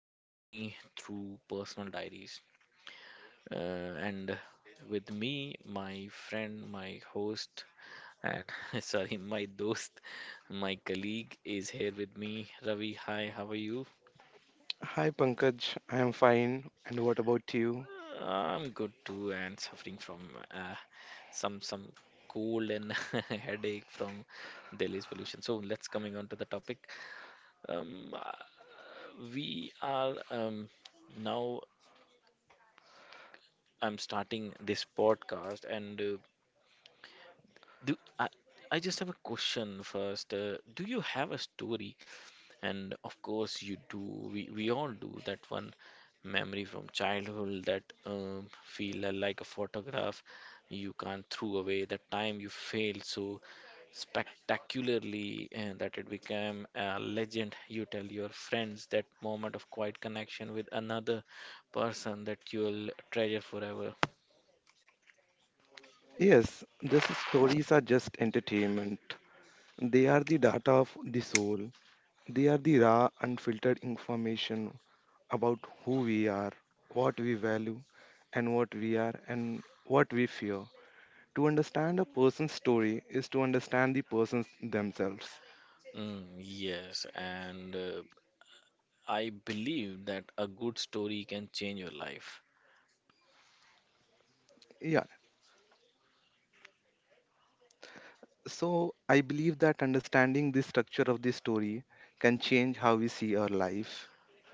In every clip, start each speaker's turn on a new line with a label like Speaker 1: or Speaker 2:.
Speaker 1: a journey through personal diaries. Uh, and with me, my friend, my host. And sorry, my dost, my colleague is here with me. Ravi, hi, how are you?
Speaker 2: Hi Pankaj, I am fine. And what about you?
Speaker 1: I'm good too, and suffering from uh, some cold and headache from Delhi's pollution. So let's coming on to the topic. Um, uh, we are now. I'm starting this podcast, and do I, I just have a question first. Do you have a story? And of course, you do, we all do that one memory from childhood that feel like a photograph you can't throw away, that time you failed so spectacularly and that it became a legend. You tell your friends that moment of quiet connection with another person that you'll treasure forever.
Speaker 2: Yes, these stories are just entertainment. They are the data of the soul. They are the raw, unfiltered information about who we are, what we value, and what we are, and what we fear. To understand a person's story is to understand the persons themselves.
Speaker 1: Mm, yes, and I believe that a good story can change your life.
Speaker 2: Yeah, so I believe that understanding the structure of the story can change how we see our life.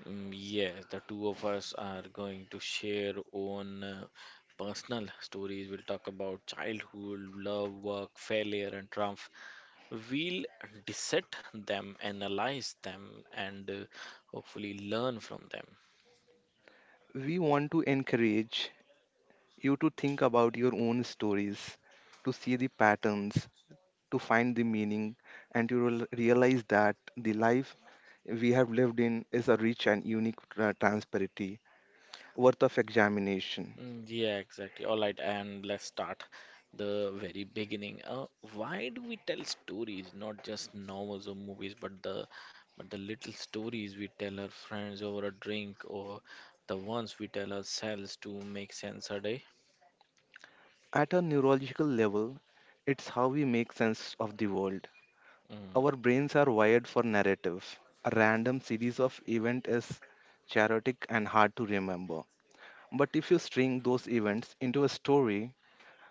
Speaker 1: Mm, yes, the two of us are going to share own personal stories. We'll talk about childhood, love, work, failure, and triumph. We'll dissect them, analyze them, and hopefully learn from them.
Speaker 2: We want to encourage you to think about your own stories, to see the patterns, to find the meaning, and to realize that the life we have lived in is a rich and unique transparency worth of examination.
Speaker 1: Mm, yeah, exactly. All right, and let's start the very beginning. Why do we tell stories, not just novels or movies, but the little stories we tell our friends over a drink, or the ones we tell ourselves to make sense a day?
Speaker 2: At a neurological level, it's how we make sense of the world. Our
Speaker 1: Mm.
Speaker 2: brains are wired for narrative. A random series of events is chaotic and hard to remember. But if you string those events into a story,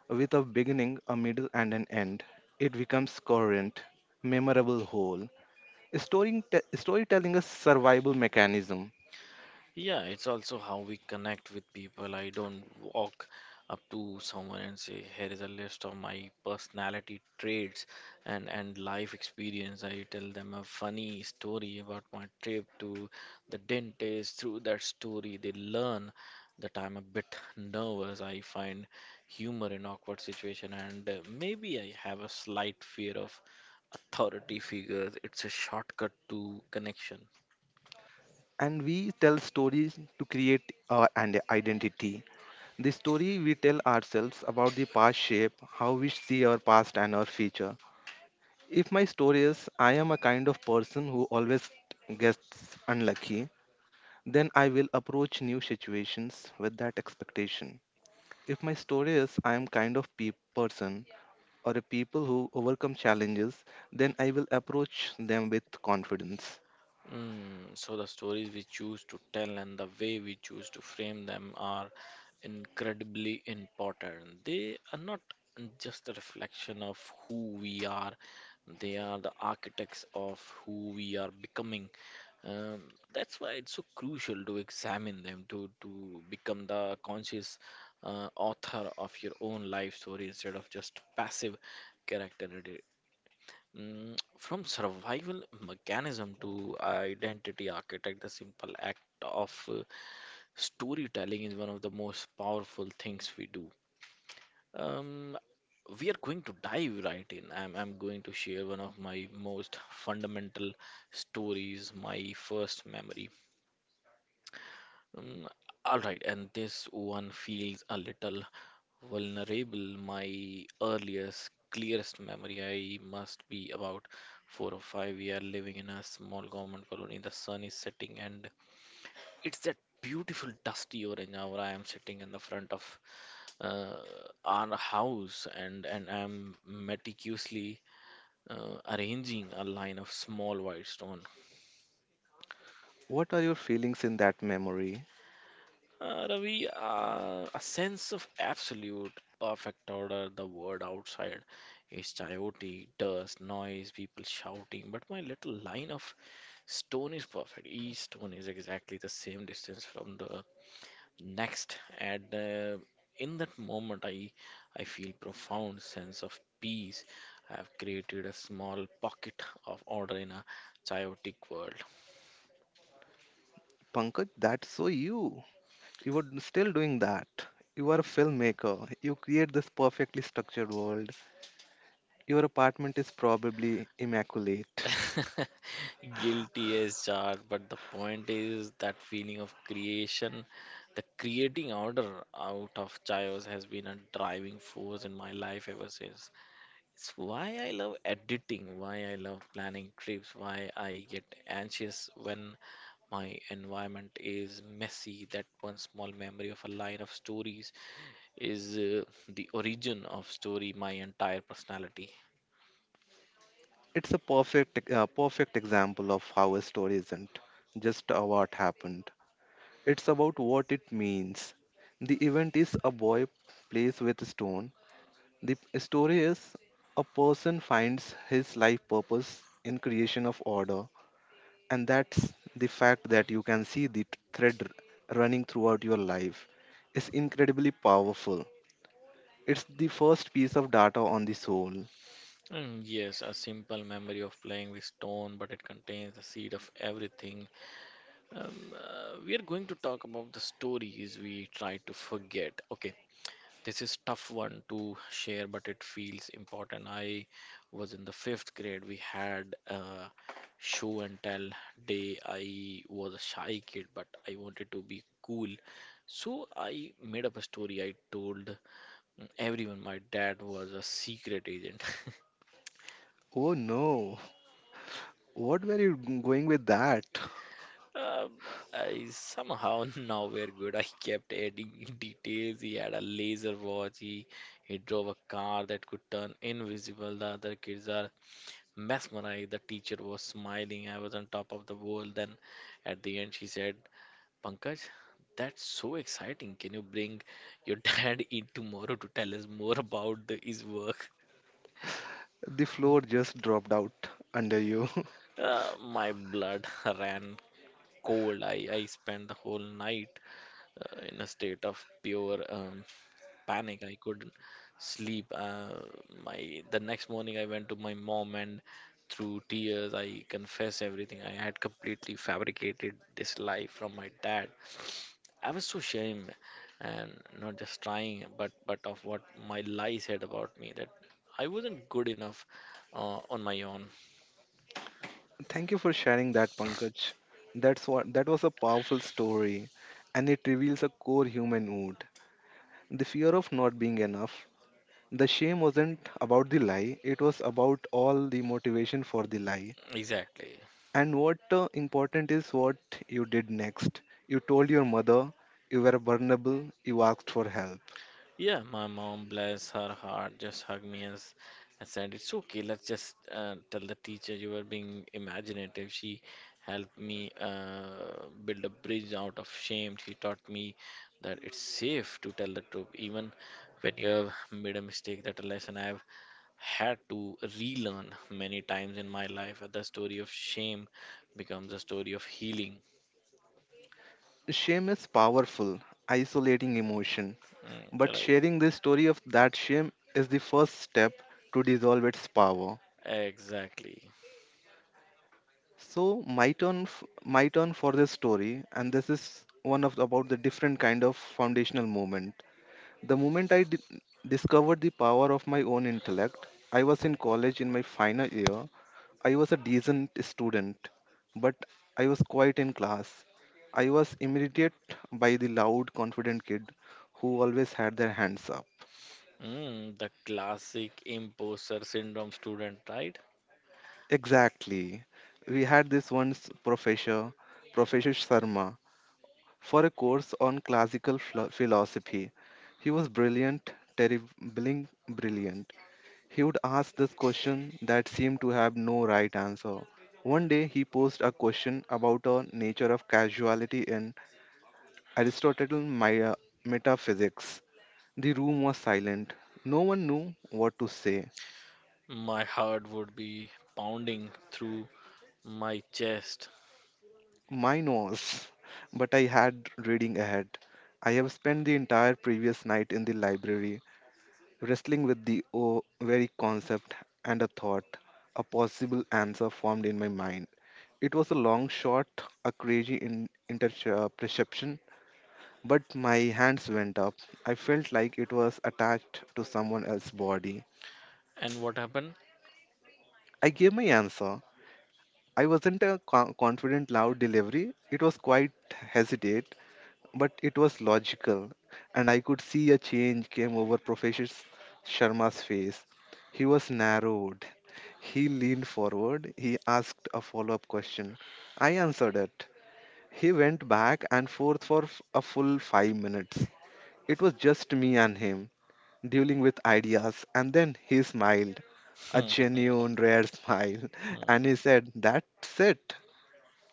Speaker 2: with a beginning, a middle, and an end, it becomes coherent, memorable whole. Storytelling is survival mechanism,
Speaker 1: Yeah, it's also how we connect with people. I don't walk up to someone and say, "Here is a list of my personality traits and life experience." I tell them a funny story about my trip to the dentist. Through that story, they learn that I'm a bit nervous. I find humor in awkward situation, and maybe I have a slight fear of authority figures. It's a shortcut to connection.
Speaker 2: and we tell stories to create an identity. The story we tell ourselves about the past shape how we see our past and our future. If my story is I am a kind of person who always gets unlucky, then I will approach new situations with that expectation. If my story is I am kind of person or a people who overcome challenges, then I will approach them with confidence.
Speaker 1: Mm, so the stories we choose to tell and the way we choose to frame them are incredibly important. They are not just a reflection of who we are, they are the architects of who we are becoming. Um, that's why it's so crucial to examine them, to become the conscious author of your own life story instead of just passive character. Mm, from survival mechanism to identity architect, the simple act of storytelling is one of the most powerful things we do. Um, we are going to dive right in. I'm going to share one of my most fundamental stories, my first memory. Mm, all right, and this one feels a little vulnerable. My earliest, clearest memory, I must be about four or five. We are living in a small government colony. The sun is setting, and it's that beautiful dusty orange hour. I am sitting in the front of uh, our house, and I'm meticulously arranging a line of small white stone.
Speaker 2: What are your feelings in that memory?
Speaker 1: Ravi, a sense of absolute perfect order, the world outside is chaotic, dust, noise, people shouting, but my little line of stone is perfect. Each stone is exactly the same distance from the next, and in that moment, I feel profound sense of peace. I have created a small pocket of order in a chaotic world.
Speaker 2: Pankaj, that's so you. You are still doing that. You are a filmmaker. You create this perfectly structured world. Your apartment is probably immaculate.
Speaker 1: Guilty as charged, but the point is that feeling of creation, the creating order out of chaos has been a driving force in my life ever since. It's why I love editing, why I love planning trips, why I get anxious when my environment is messy. That one small memory of a line of stories is the origin of story, my entire personality.
Speaker 2: It's a perfect example of how a story isn't just what happened. It's about what it means. The event is a boy plays with a stone. The story is a person finds his life purpose in creation of order, and that's the fact that you can see the thread running throughout your life is incredibly powerful. It's the first piece of data on the soul.
Speaker 1: Mm, yes, a simple memory of playing with stone, but it contains the seed of everything. We are going to talk about the stories we try to forget. Okay, this is tough one to share, but it feels important. I was in the fifth grade. We had a show and tell day. I was a shy kid, but I wanted to be cool. So I made up a story. I told everyone my dad was a secret agent.
Speaker 2: Oh no, what were you going with that?
Speaker 1: Um, I somehow now we're good. I kept adding details. He had a laser watch. He drove a car that could turn invisible. The other kids are mesmerized. The teacher was smiling. I was on top of the world. Then at the end, she said, "Pankaj, that's so exciting. Can you bring your dad in tomorrow to tell us more about the, his work?"
Speaker 2: The floor just dropped out under you.
Speaker 1: My blood ran cold. I spent the whole night in a state of pure panic. I couldn't sleep. My the next morning I went to my mom and through tears I confessed everything. I had completely fabricated this lie from my dad. I was so ashamed and not just trying, but of what my lie said about me that I wasn't good enough on my own.
Speaker 2: Thank you for sharing that, Pankaj. That's what that was a powerful story, and it reveals a core human wound. The fear of not being enough. The shame wasn't about the lie, it was about all the motivation for the lie.
Speaker 1: Exactly.
Speaker 2: And what important is what you did next. You told your mother you were vulnerable, you asked for help.
Speaker 1: Yeah, my mom, bless her heart, just hugged me and said, it's okay, let's just tell the teacher you were being imaginative. She helped me build a bridge out of shame. She taught me that it's safe to tell the truth, even when you have made a mistake. That a lesson I've had to relearn many times in my life. The story of shame becomes a story of healing.
Speaker 2: Shame is powerful, isolating emotion,
Speaker 1: Mm,
Speaker 2: but
Speaker 1: right,
Speaker 2: sharing the story of that shame is the first step to dissolve its power.
Speaker 1: exactly.
Speaker 2: So my turn, my turn for this story, and this is one of the- about the different kind of foundational moment. The moment I discovered the power of my own intellect, I was in college in my final year. I was a decent student, but I was quiet in class. I was imitated by the loud, confident kid who always had their hands up.
Speaker 1: Mm, the classic imposter syndrome student, right?
Speaker 2: Exactly. We had this once professor, Professor Sharma, for a course on classical philosophy. He was brilliant, terribly brilliant, He would ask this question that seemed to have no right answer. One day he posed a question about a nature of casuality in Aristotelian metaphysics. The room was silent. No one knew what to say.
Speaker 1: My heart would be pounding through my chest.
Speaker 2: Mine was, but I had reading ahead. I have spent the entire previous night in the library wrestling with the very concept and a thought, a possible answer formed in my mind. It was a long shot, a crazy perception, but my hands went up. I felt like it was attached to someone else's body.
Speaker 1: And what happened?
Speaker 2: I gave my answer. I wasn't a confident, loud delivery. It was quite hesitate, but it was logical, and I could see a change came over Professor Sharma's face. He was narrowed. He leaned forward. He asked a follow up question. I answered it. He went back and forth for a full 5 minutes. It was just me and him, dealing with ideas, and then he smiled a
Speaker 1: Hmm,
Speaker 2: genuine, rare smile,
Speaker 1: hmm.
Speaker 2: and he said, "That's it.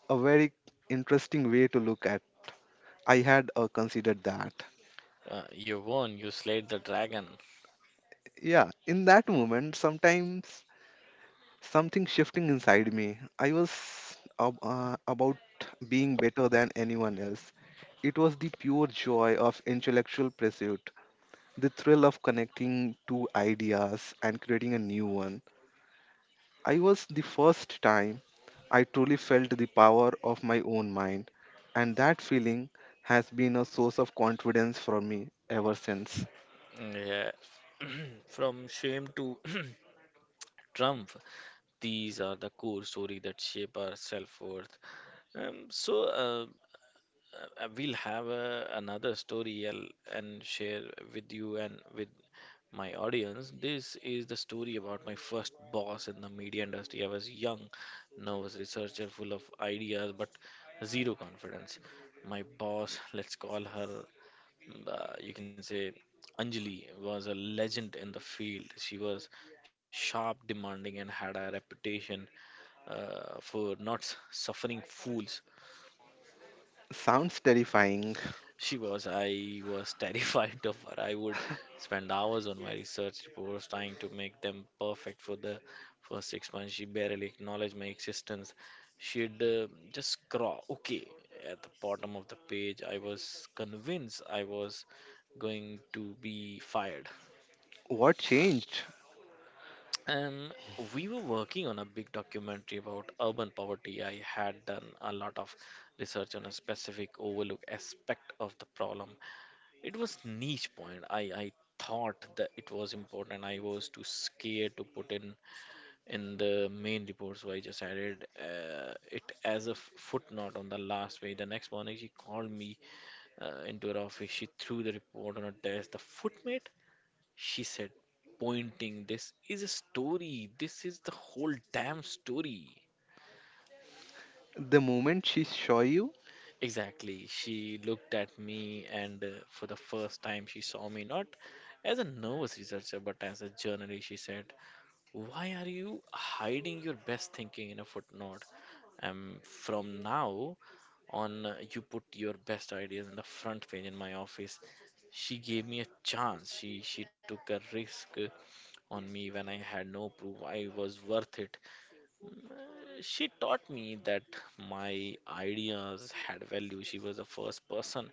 Speaker 2: A very interesting way to look at. I had considered that."
Speaker 1: You won, you slayed the dragon.
Speaker 2: Yeah, in that moment, sometimes something shifting inside me. I was about being better than anyone else. It was the pure joy of intellectual pursuit, the thrill of connecting two ideas and creating a new one. I was the first time I truly felt the power of my own mind, and that feeling has been a source of confidence for me ever since.
Speaker 1: Yeah. From shame to triumph, these are the core story that shape our self-worth. Um, so, uh, we'll have another story and share with you and with my audience. This is the story about my first boss in the media industry. I was young, nervous researcher, full of ideas, but zero confidence. My boss, let's call her, you can say Anjali, was a legend in the field. She was sharp, demanding, and had a reputation for not suffering fools.
Speaker 2: Sounds terrifying.
Speaker 1: She was. I was terrified of her. I would spend hours on my research reports trying to make them perfect for the first 6 months. She barely acknowledged my existence. She'd just scrawl, okay, at the bottom of the page. I was convinced I was going to be fired.
Speaker 2: What changed?
Speaker 1: And we were working on a big documentary about urban poverty. I had done a lot of research on a specific overlook aspect of the problem. It was niche point. I thought that it was important. I was too scared to put in the main report, so I just added it as a footnote on the last page. The next morning, she called me into her office. She threw the report on her desk. The footmate, she said, pointing, "This is a story. This is the whole damn story."
Speaker 2: The moment she saw you,
Speaker 1: Exactly. She looked at me, and for the first time, she saw me not as a nervous researcher, but as a journalist. She said, why are you hiding your best thinking in a footnote? From now on, you put your best ideas in the front page in my office. She gave me a chance. She took a risk on me when I had no proof. I was worth it. Uh, She taught me that my ideas had value. She was the first person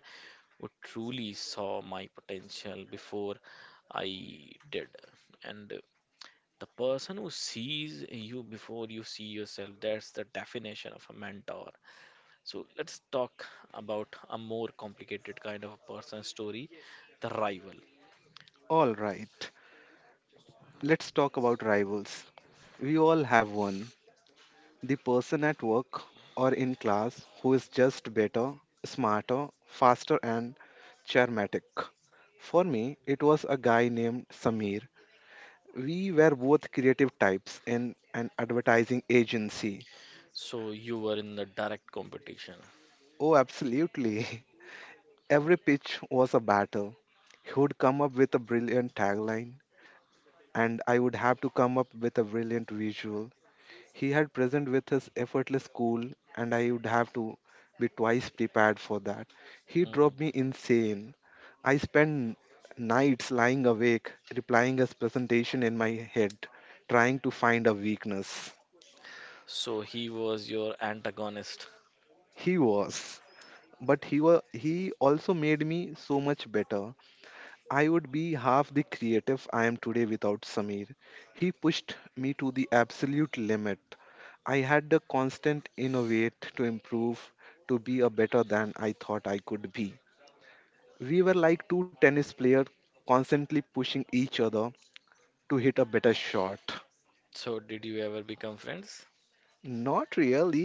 Speaker 1: who truly saw my potential before I did. And the person who sees you before you see yourself, that's the definition of a mentor. So let's talk about a more complicated kind of a person story, the rival.
Speaker 2: all right. Let's talk about rivals. We all have one. The person at work or in class who is just better, smarter, faster, and charismatic. For me, it was a guy named Samir. We were both creative types in an advertising agency.
Speaker 1: So you were in the direct competition.
Speaker 2: Oh, absolutely. Every pitch was a battle. He would come up with a brilliant tagline, and I would have to come up with a brilliant visual. He had present with his effortless cool, and I would have to be twice prepared for that. He drove me
Speaker 1: Mhm.
Speaker 2: insane. I spent nights lying awake, replying his presentation in my head, trying to find a weakness.
Speaker 1: So he was your antagonist.
Speaker 2: He was. But he also made me so much better. I would be half the creative I am today without Samir. He pushed me to the absolute limit. I had to constant innovate to improve, to be a better than I thought I could be. We were like two tennis players constantly pushing each other to hit a better shot.
Speaker 1: So did you ever become friends?
Speaker 2: Not really.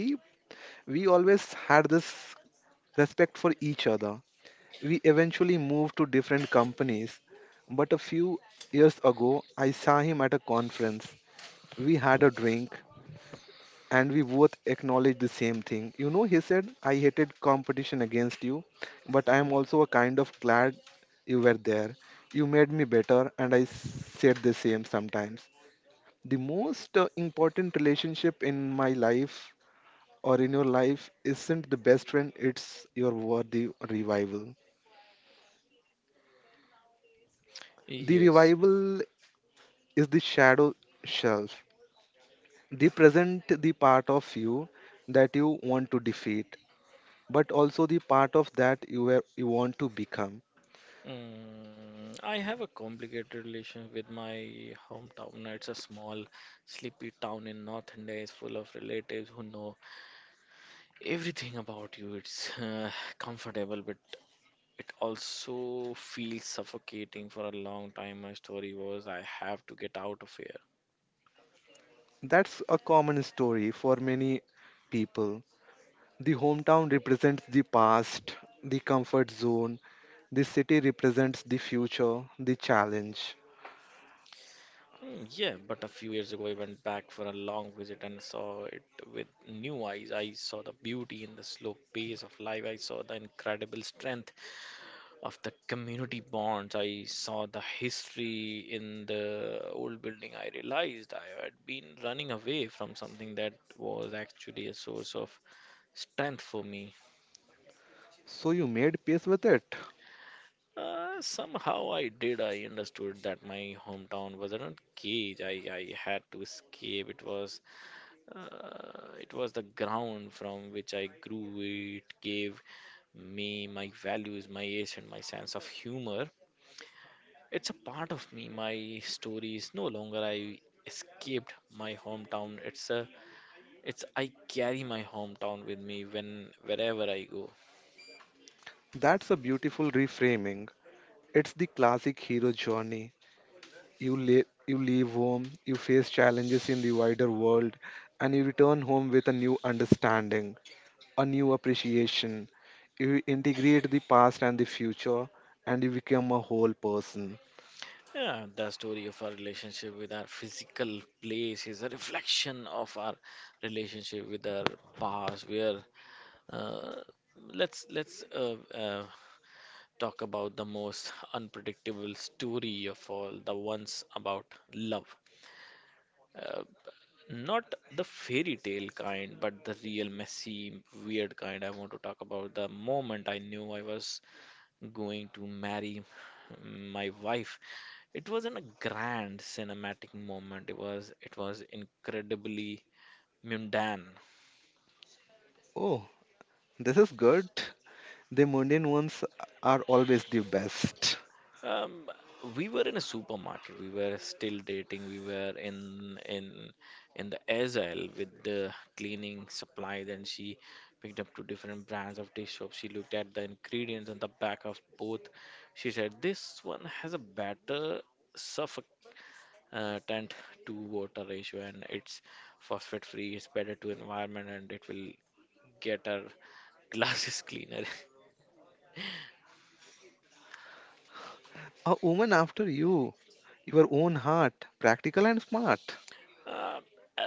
Speaker 2: We always had this respect for each other. We eventually moved to different companies, but a few years ago I saw him at a conference. We had a drink and we both acknowledged the same thing. You know, he said, "I hated competition against you, but I am also a kind of glad you were there. You made me better," and I said the same sometimes. The most important relationship in my life or in your life isn't the best friend, it's your worthy revival. The
Speaker 1: Yes.
Speaker 2: revival is the shadow shelf. They present the part of you that you want to defeat but also the part of that you were, you want to become.
Speaker 1: Mm, I have a complicated relation with my hometown. It's a small, sleepy town in North India. It's full of relatives who know everything about you. It's comfortable, but it also feels suffocating for a long time. My story was I have to get out of here.
Speaker 2: That's a common story for many people. The hometown represents the past, the comfort zone. The city represents the future, the challenge.
Speaker 1: Hmm, yeah, but a few years ago, I went back for a long visit and saw it with new eyes. I saw the beauty in the slow pace of life. I saw the incredible strength of the community bonds. I saw the history in the old building. I realized I had been running away from something that was actually a source of strength for me.
Speaker 2: So you made peace with it.
Speaker 1: Somehow I did. I understood that my hometown wasn't a cage. I had to escape. It was the ground from which I grew. It gave me my values, my age, and my sense of humor. It's a part of me. My story is no longer I escaped my hometown. It's I carry my hometown with me when wherever I go.
Speaker 2: That's a beautiful reframing. It's the classic hero journey. You leave home, you face challenges in the wider world, and you return home with a new understanding, a new appreciation. You integrate the past and the future, and you become a whole person.
Speaker 1: Yeah, the story of our relationship with our physical place is a reflection of our relationship with our past. Where uh, let's Talk about the most unpredictable story of all, the ones about love. Uh, Not the fairy tale kind, but the real messy, weird kind. I want to talk about the moment I knew I was going to marry my wife. It wasn't a grand cinematic moment. It was incredibly mundane.
Speaker 2: Oh, this is good. The mundane ones are always the best.
Speaker 1: Um, we were in a supermarket. We were still dating. We were in the Azal with the cleaning supplies, and she picked up two different brands of dish soap. She looked at the ingredients on the back of both. She said, "This one has a better surfactant to water ratio, and it's phosphate free. It's better to environment, and it will get our glasses cleaner."
Speaker 2: A woman after you, your own heart, practical and smart.
Speaker 1: Uh, I,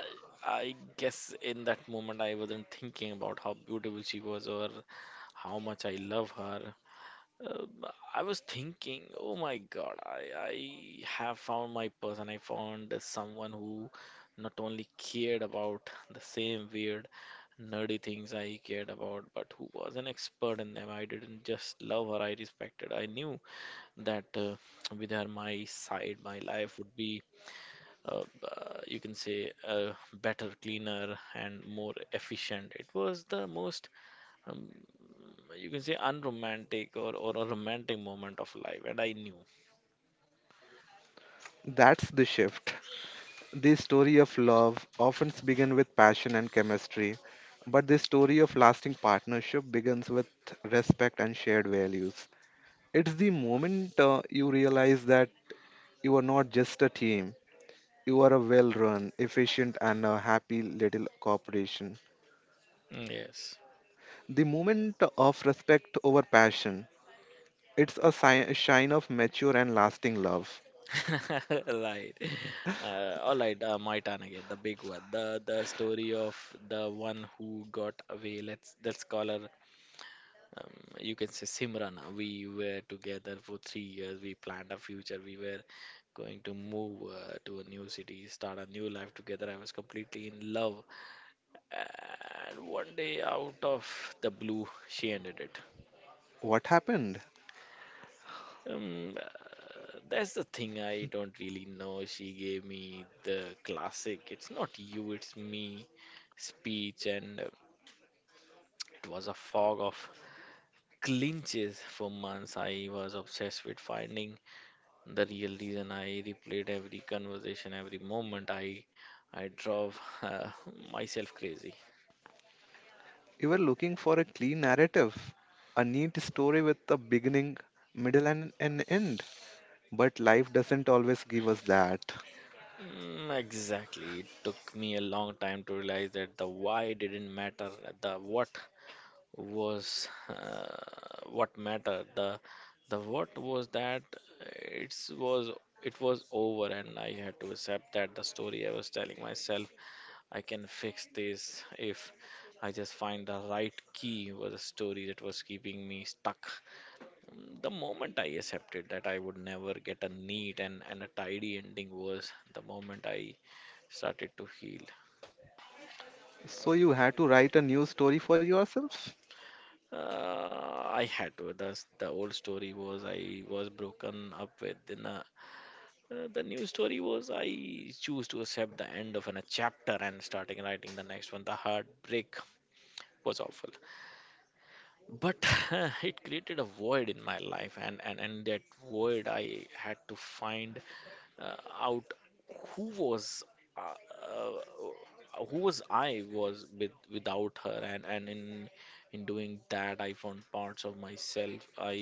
Speaker 1: I guess in that moment I wasn't thinking about how beautiful she was or how much I love her. Uh, I was thinking, oh my God, I have found my person. I found someone who not only cared about the same weird, nerdy things I cared about, but who was an expert in them. I didn't just love her, I respected. I knew that with her, my life would be you can say better cleaner and more efficient. It was the most um, you can say unromantic or, a romantic moment of life, and I knew.
Speaker 2: That's the shift. The story of love often begins with passion and chemistry, but the story of lasting partnership begins with respect and shared values. It's the moment you realize that you are not just a team. You are a well run, efficient, and a happy little corporation.
Speaker 1: Mm, yes.
Speaker 2: The moment of respect over passion, it's a sign of mature and lasting love.
Speaker 1: Right. All right, my turn again, the big one, the story of the one who got away. Let's call her um, you can say Simran. We were together for 3 years. We planned a future. We were going to move to a new city, start a new life together. I was completely in love. And one day, out of the blue, she ended it.
Speaker 2: What happened?
Speaker 1: That's the thing, I don't really know. She gave me the classic, it's not you, it's me speech, and it was a fog of clinches for months. I was obsessed with finding the real reason. I replayed every conversation, every moment. I drove myself crazy.
Speaker 2: You were looking for a clean narrative, a neat story with a beginning, middle, and an end. But life doesn't always give us that.
Speaker 1: Mm, exactly. It took me a long time to realize that the why didn't matter. The what mattered. The what was that it's was it was over, and I had to accept that the story I was telling myself, I can fix this if I just find the right key, was a story that was keeping me stuck. Mm, the moment I accepted that I would never get a neat and a tidy ending was the moment I started to heal.
Speaker 2: So you had to write a new story for yourself?
Speaker 1: I had to. Thus, the old story was I was broken up with. The new story was I choose to accept the end of a chapter and starting writing the next one. The heartbreak was awful, but it created a void in my life, and that void I had to find uh, out who was uh, who was I was with without her, and in doing that I found parts of myself i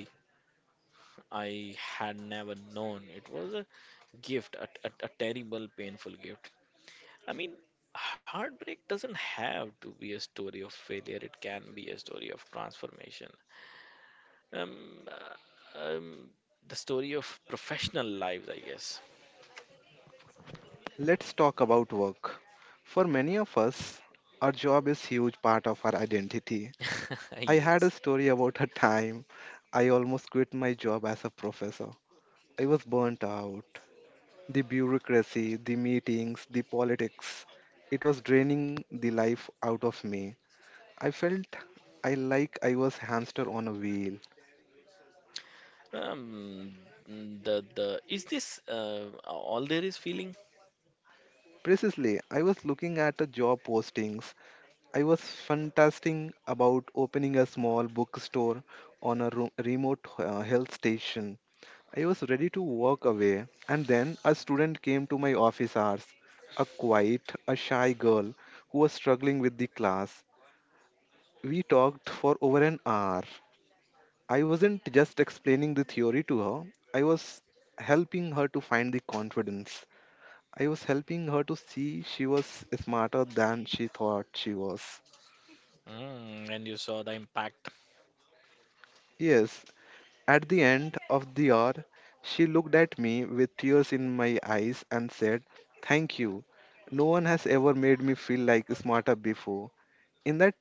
Speaker 1: i had never known. It was a gift, a terrible painful gift, I mean. Heartbreak doesn't have to be a story of failure. It can be a story of transformation. um, uh, um, the story of professional lives, I guess.
Speaker 2: Let's talk about work. For many of us, our job is huge part of our identity. I had a
Speaker 1: Yes.
Speaker 2: story about a time I almost quit my job as a professor. I was burnt out. The bureaucracy, the meetings, the politics, it was draining the life out of me. I felt I like I was hamster on a wheel.
Speaker 1: Um, the is this all there is feeling?
Speaker 2: Precisely, I was looking at the job postings. I was fantasizing about opening a small bookstore on a remote hill station. I was ready to walk away, and then a student came to my office hours, a quiet, a shy girl who was struggling with the class. We talked for over an hour. I wasn't just explaining the theory to her, I was helping her to find the confidence. I was helping her to see she was smarter than she thought she was.
Speaker 1: Mm, and you saw the impact.
Speaker 2: Yes, at the end of the hour, she looked at me with tears in my eyes and said, "Thank you. No one has ever made me feel like smarter before." In that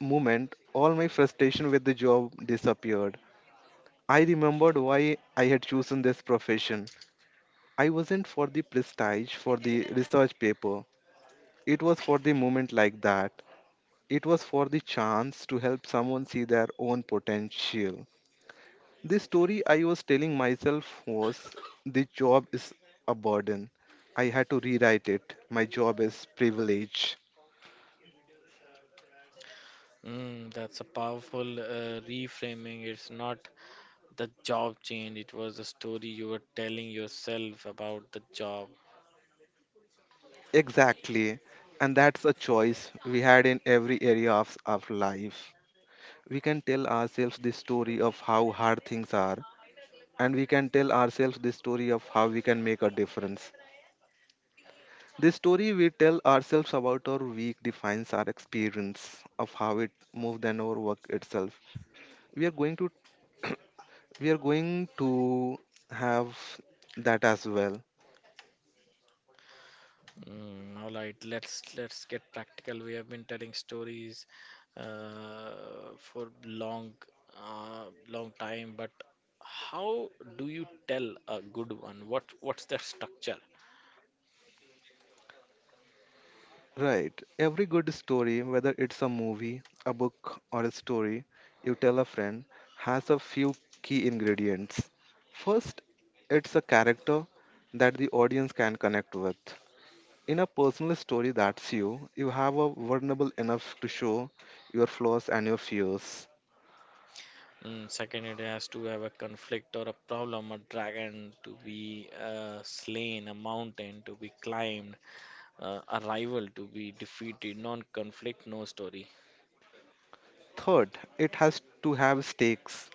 Speaker 2: moment, all my frustration with the job disappeared. I remembered why I had chosen this profession. I wasn't for the prestige, for the research paper. It was for the moment like that. It was for the chance to help someone see their own potential. The story I was telling myself was the job is a burden. I had to rewrite it. My job is privilege.
Speaker 1: Mm, that's a powerful reframing. It's not the job change, it was the story you were telling yourself about the job.
Speaker 2: Exactly. And that's a choice we had in every area of life. We can tell ourselves the story of how hard things are, and we can tell ourselves the story of how we can make a difference. The story we tell ourselves about our week defines our experience of how it moved and our work itself. We are going to we are going to have that as well.
Speaker 1: Mm, all right, let's get practical. We have been telling stories for long time, but how do you tell a good one? What's the structure?
Speaker 2: Right. Every good story, whether it's a movie, a book, or a story you tell a friend, has a few key ingredients. First, it's a character that the audience can connect with. In a personal story that's you, you have a vulnerable enough to show your flaws and your fears.
Speaker 1: Mm, second, it has to have a conflict or a problem, a dragon to be slain, a mountain to be climbed, a rival to be defeated. Non-conflict, no story.
Speaker 2: Third, it has to have stakes.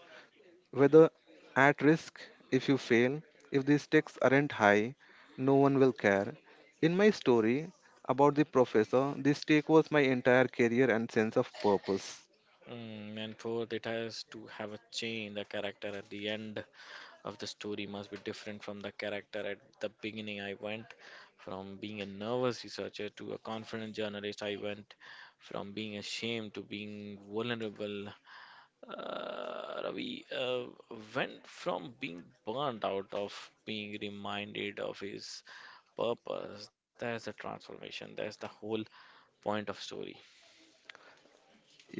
Speaker 2: Whether at risk if you fail, if the stakes aren't high, no one will care. In my story about the professor, the stake was my entire career and sense of purpose.
Speaker 1: Mm, and fourth, it has to have a chain, the character at the end of the story must be different from the character. At the beginning, I went from being a nervous researcher to a confident journalist. I went from being ashamed to being vulnerable. Ravi went from being burnt out of being reminded of his purpose. That's the transformation. That's the whole point of story.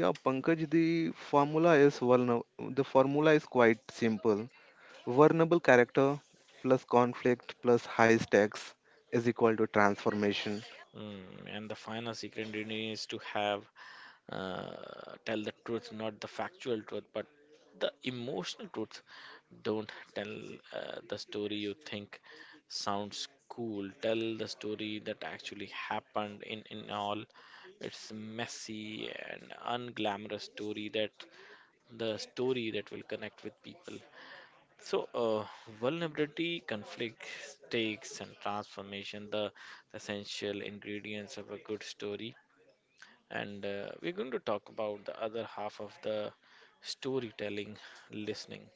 Speaker 2: Yeah, Pankaj, formula is vulner- the formula is quite simple: vulnerable character plus conflict plus high stakes is equal to transformation.
Speaker 1: Mm, and the final secret ingredient is to have, uh, tell the truth, not the factual truth, but the emotional truth. Don't tell the story you think sounds cool. Tell the story that actually happened, in all its messy and unglamorous story, that the story that will connect with people. So, vulnerability, conflict, stakes, and transformation, the essential ingredients of a good story. And we're going to talk about the other half of the storytelling, listening.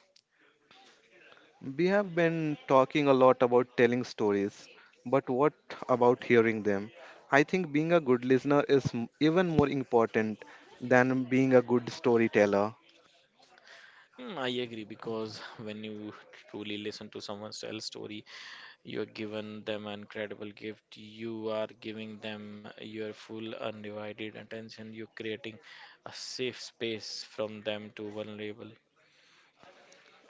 Speaker 2: We have been talking a lot about telling stories, but what about hearing them? I think being a good listener is even more important than being a good storyteller.
Speaker 1: Hmm, I agree, because when you truly listen to someone else's story, you are giving them an incredible gift. You are giving them your full, undivided attention. You're creating a safe space from them to vulnerable.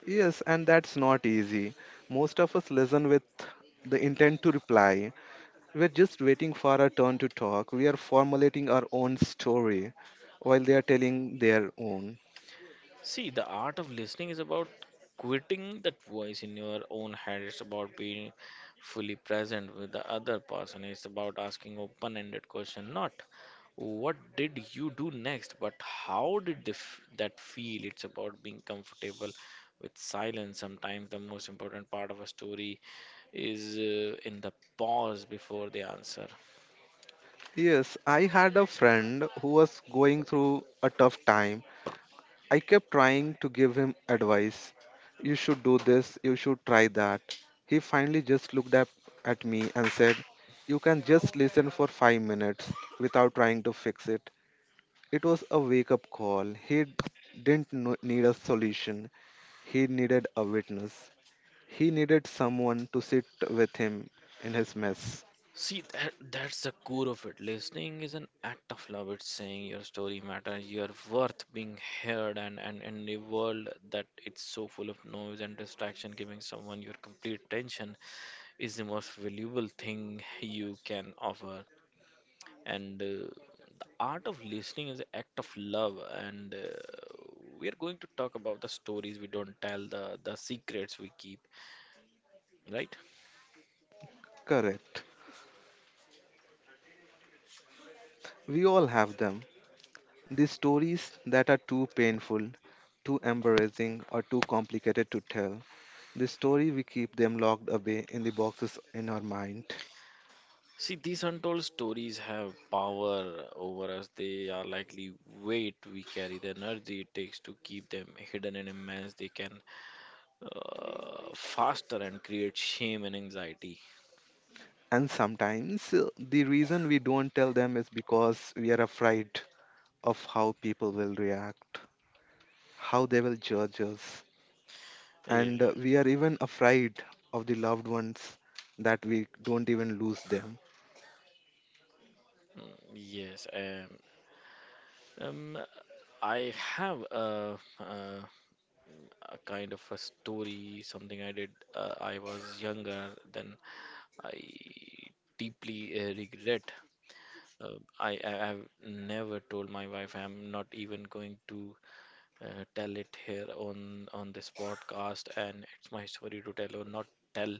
Speaker 2: Yes, and that's not easy. Most of us listen with the intent to reply. We're just waiting for our turn to talk. We are formulating our own story while they are telling their own.
Speaker 1: See, the art of listening is about quitting that voice in your own head. It's about being fully present with the other person. It's about asking open ended question, not what did you do next, but how did that feel? It's about being comfortable with silence. Sometimes the most important part of a story is in the pause before the answer.
Speaker 2: Yes, I had a friend who was going through a tough time. I kept trying to give him advice. You should do this, you should try that. He finally just looked up at me and said, "You can just listen for 5 minutes without trying to fix it." It was a wake up call. He didn't need a solution, he needed a witness. He needed someone to sit with him in his mess.
Speaker 1: See, that's the core of it. Listening is an act of love. It's saying your story matters, your worth being heard, and in a world that it's so full of noise and distraction, giving someone your complete attention is the most valuable thing you can offer. And art of listening is an act of love. And we are going to talk about the stories we don't tell, the secrets we keep, right?
Speaker 2: Correct. We all have them. These stories that are too painful, too embarrassing, or too complicated to tell. The story we keep them locked away in the boxes in our mind.
Speaker 1: See, these untold stories have power over us. They are likely weight we carry, the energy it takes to keep them hidden and immense. They can faster and create shame and anxiety.
Speaker 2: And sometimes the reason we don't tell them is because we are afraid of how people will react, how they will judge us. And
Speaker 1: Yeah,
Speaker 2: we are even afraid of the loved ones that we don't even lose them.
Speaker 1: yes. Um, I have a kind of a story, something I did. I was younger, then I deeply regret. Uh, I I've never told my wife. I'm not even going to tell it here on this podcast, and it's my story to tell or not tell,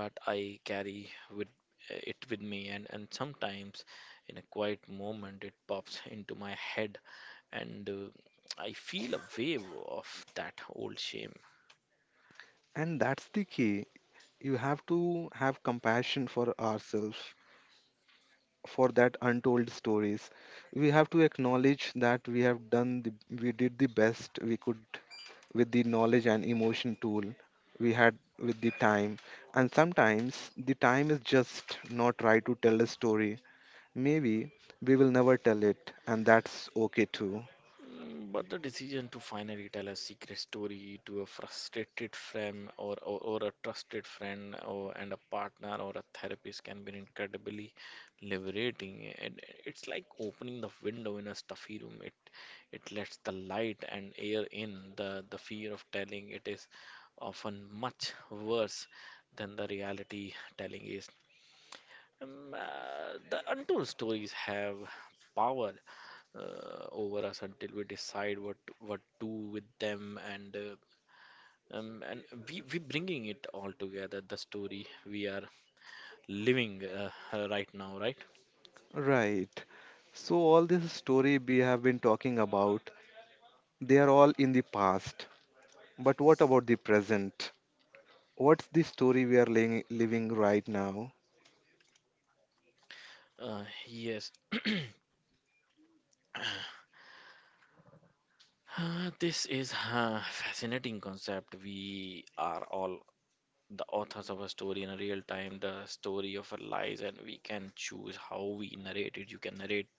Speaker 1: but I carry with it with me, and sometimes in a quiet moment it pops into my head, and I feel a wave of that old shame.
Speaker 2: And that's the key. You have to have compassion for ourselves for that untold stories. We have to acknowledge that we did the best we could with the knowledge and emotion tool we had with the time, and sometimes the time is just not right to tell a story. Maybe we will never tell it, and that's okay too.
Speaker 1: Mm, but the decision to finally tell a secret story to a frustrated friend, or a trusted friend or and a partner or a therapist can be incredibly liberating. And it's like opening the window in a stuffy room. It lets the light and air in. The fear of telling it is often much worse than the reality telling is. The untold stories have power over us until we decide what to do with them, and um, and we bringing it all together, the story we are living right now, right?
Speaker 2: Right. So all this story we have been talking about, they are all in the past, but what about the present? What's the story we are living right now?
Speaker 1: Yes. This is a fascinating concept. We are all the authors of a story in a real time, the story of our lives, and we can choose how we narrate it. You can narrate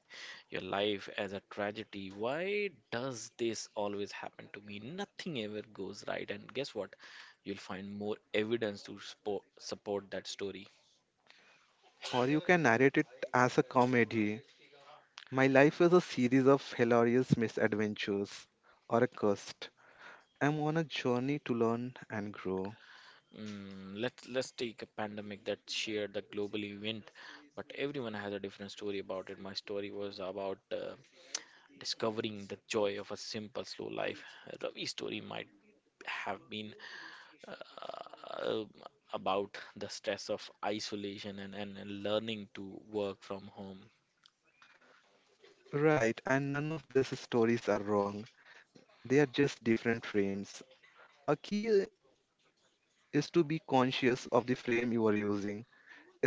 Speaker 1: your life as a tragedy. Why does this always happen to me? Nothing ever goes right. And guess what? You'll find more evidence to support that story.
Speaker 2: Or you can narrate it as a comedy. My life is a series of hilarious misadventures, or a quest. I'm on a journey to learn and grow.
Speaker 1: Mm, let's take a pandemic that shared the global event, but everyone has a different story about it. My story was about discovering the joy of a simple, slow life. Ravi's story might have been uh, about the stress of isolation, and learning to work from home.
Speaker 2: Right, and none of these stories are wrong. They are just different frames. A key is to be conscious of the frame you are using.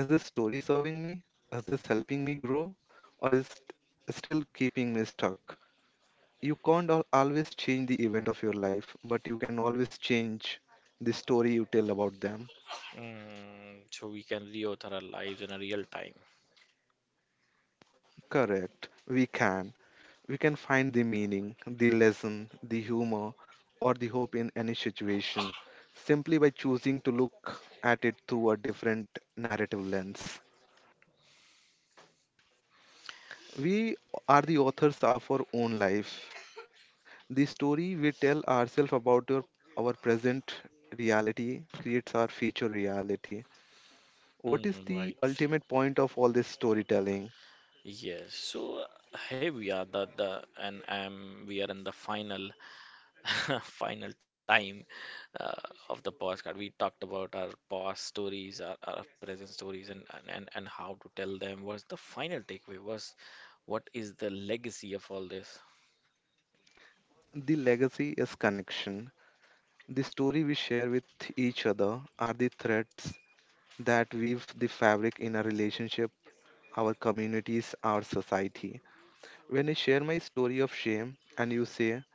Speaker 2: Is this story serving me? Is this helping me grow? Or is it still keeping me stuck? You can't always change the event of your life, but you can always change the story you tell about them.
Speaker 1: Mm, so we can reauthor our lives in a real time.
Speaker 2: Correct. We can. We can find the meaning, the lesson, the humor, or the hope in any situation simply by choosing to look at it through a different narrative lens. We are the authors of our own life. The story we tell ourselves about our present reality creates our future reality. What is
Speaker 1: Mm,
Speaker 2: the
Speaker 1: right.
Speaker 2: ultimate point of all this storytelling?
Speaker 1: Yes. So here we are. The and We are in the final final time uh, of the podcast. We talked about our past stories, our present stories, and how to tell them. What's the final takeaway? Was What is the legacy of all this?
Speaker 2: The legacy is connection. The story we share with each other are the threads that weave the fabric in our relationship, our communities, our society. When I share my story of shame and you say,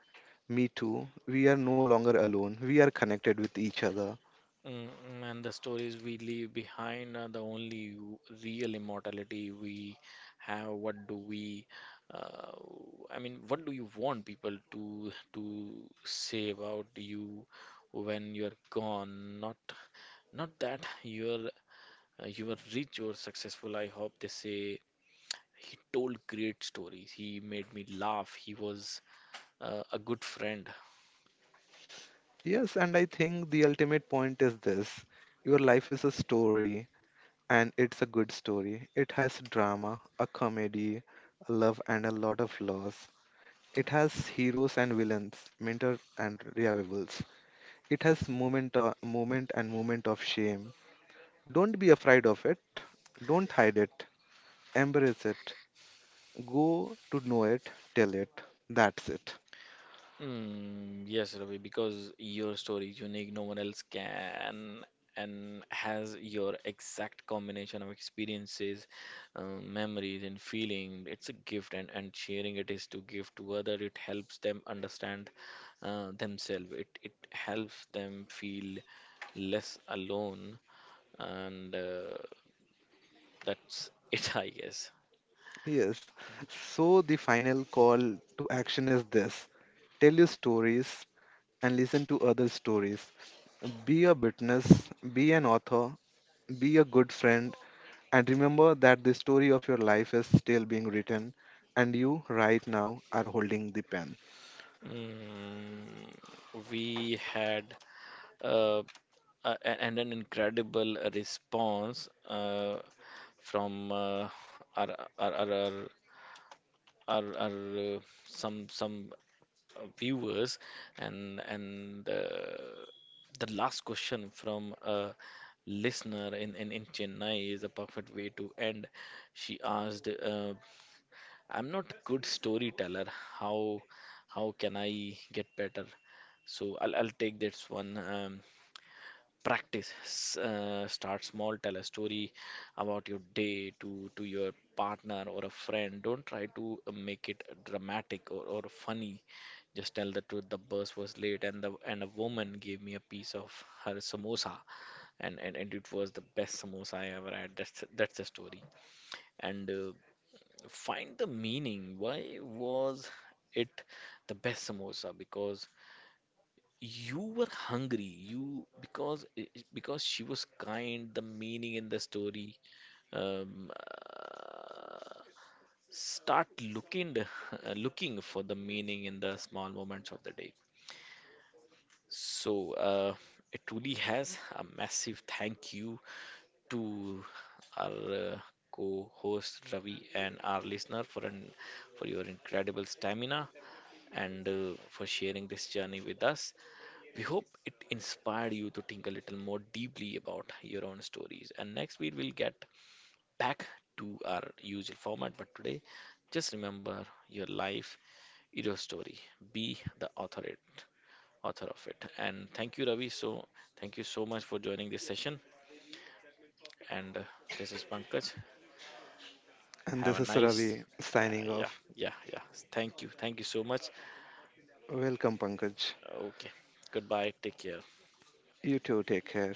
Speaker 2: "Me too," we are no longer alone, we are connected with each other.
Speaker 1: Mm, mm, and the stories we leave behind are the only real immortality we have. What do we, uh, I mean, What do you want people to say about you when you're gone? Not that you're you are rich or successful. I hope they say he told great stories. He made me laugh. He was a good friend.
Speaker 2: Yes, and I think the ultimate point is this: your life is a story, and it's a good story. It has drama, a comedy, love, and a lot of loss. It has heroes and villains, mentor and revivals. It has moment and moment of shame. Don't be afraid of it. Don't hide it. Embrace it. Go to know it. Tell it. That's it.
Speaker 1: Mm, yes, Ravi, because your story is unique. No one else can and has your exact combination of experiences, memories, and feeling. It's a gift, and sharing it is to give to other. It helps them understand themselves. It helps them feel less alone, and that's it, I guess.
Speaker 2: Yes. So the final call to action is this: tell your stories and listen to other stories. Be a witness, be an author, be a good friend, and remember that the story of your life is still being written, and you right now are holding the pen.
Speaker 1: Mm, we had uh, a- and an incredible response from our, our, our, our our some viewers and the last question from a listener in Chennai is a perfect way to end. She asked, "I'm not good storyteller. How how can I get better?" So I'll take this one. Practice. Start small, tell a story about your day to your partner or a friend. Don't try to make it dramatic or funny, just tell the truth. The bus was late and the and a woman gave me a piece of her samosa, and it was the best samosa I ever had. That's the story. And find the meaning. Why was it the best samosa? Because you were hungry. You because I- Because she was kind, the meaning in the story. um, uh, Start looking looking for the meaning in the small moments of the day. So it truly has a massive thank you to our co-host Ravi and our listener for an for your incredible stamina, and for sharing this journey with us. We hope it inspired you to think a little more deeply about your own stories. And next week, we'll get back to our usual format. But today, just remember your life is your story. Be the author of it. And thank you, Ravi. So thank you so much for joining this session. And this is Pankaj.
Speaker 2: And
Speaker 1: Have
Speaker 2: this
Speaker 1: a
Speaker 2: is
Speaker 1: nice,
Speaker 2: Ravi
Speaker 1: uh,
Speaker 2: signing
Speaker 1: yeah,
Speaker 2: off.
Speaker 1: yeah. Thank you so much.
Speaker 2: Welcome, Pankaj.
Speaker 1: Okay, goodbye. Take care.
Speaker 2: You too, take care.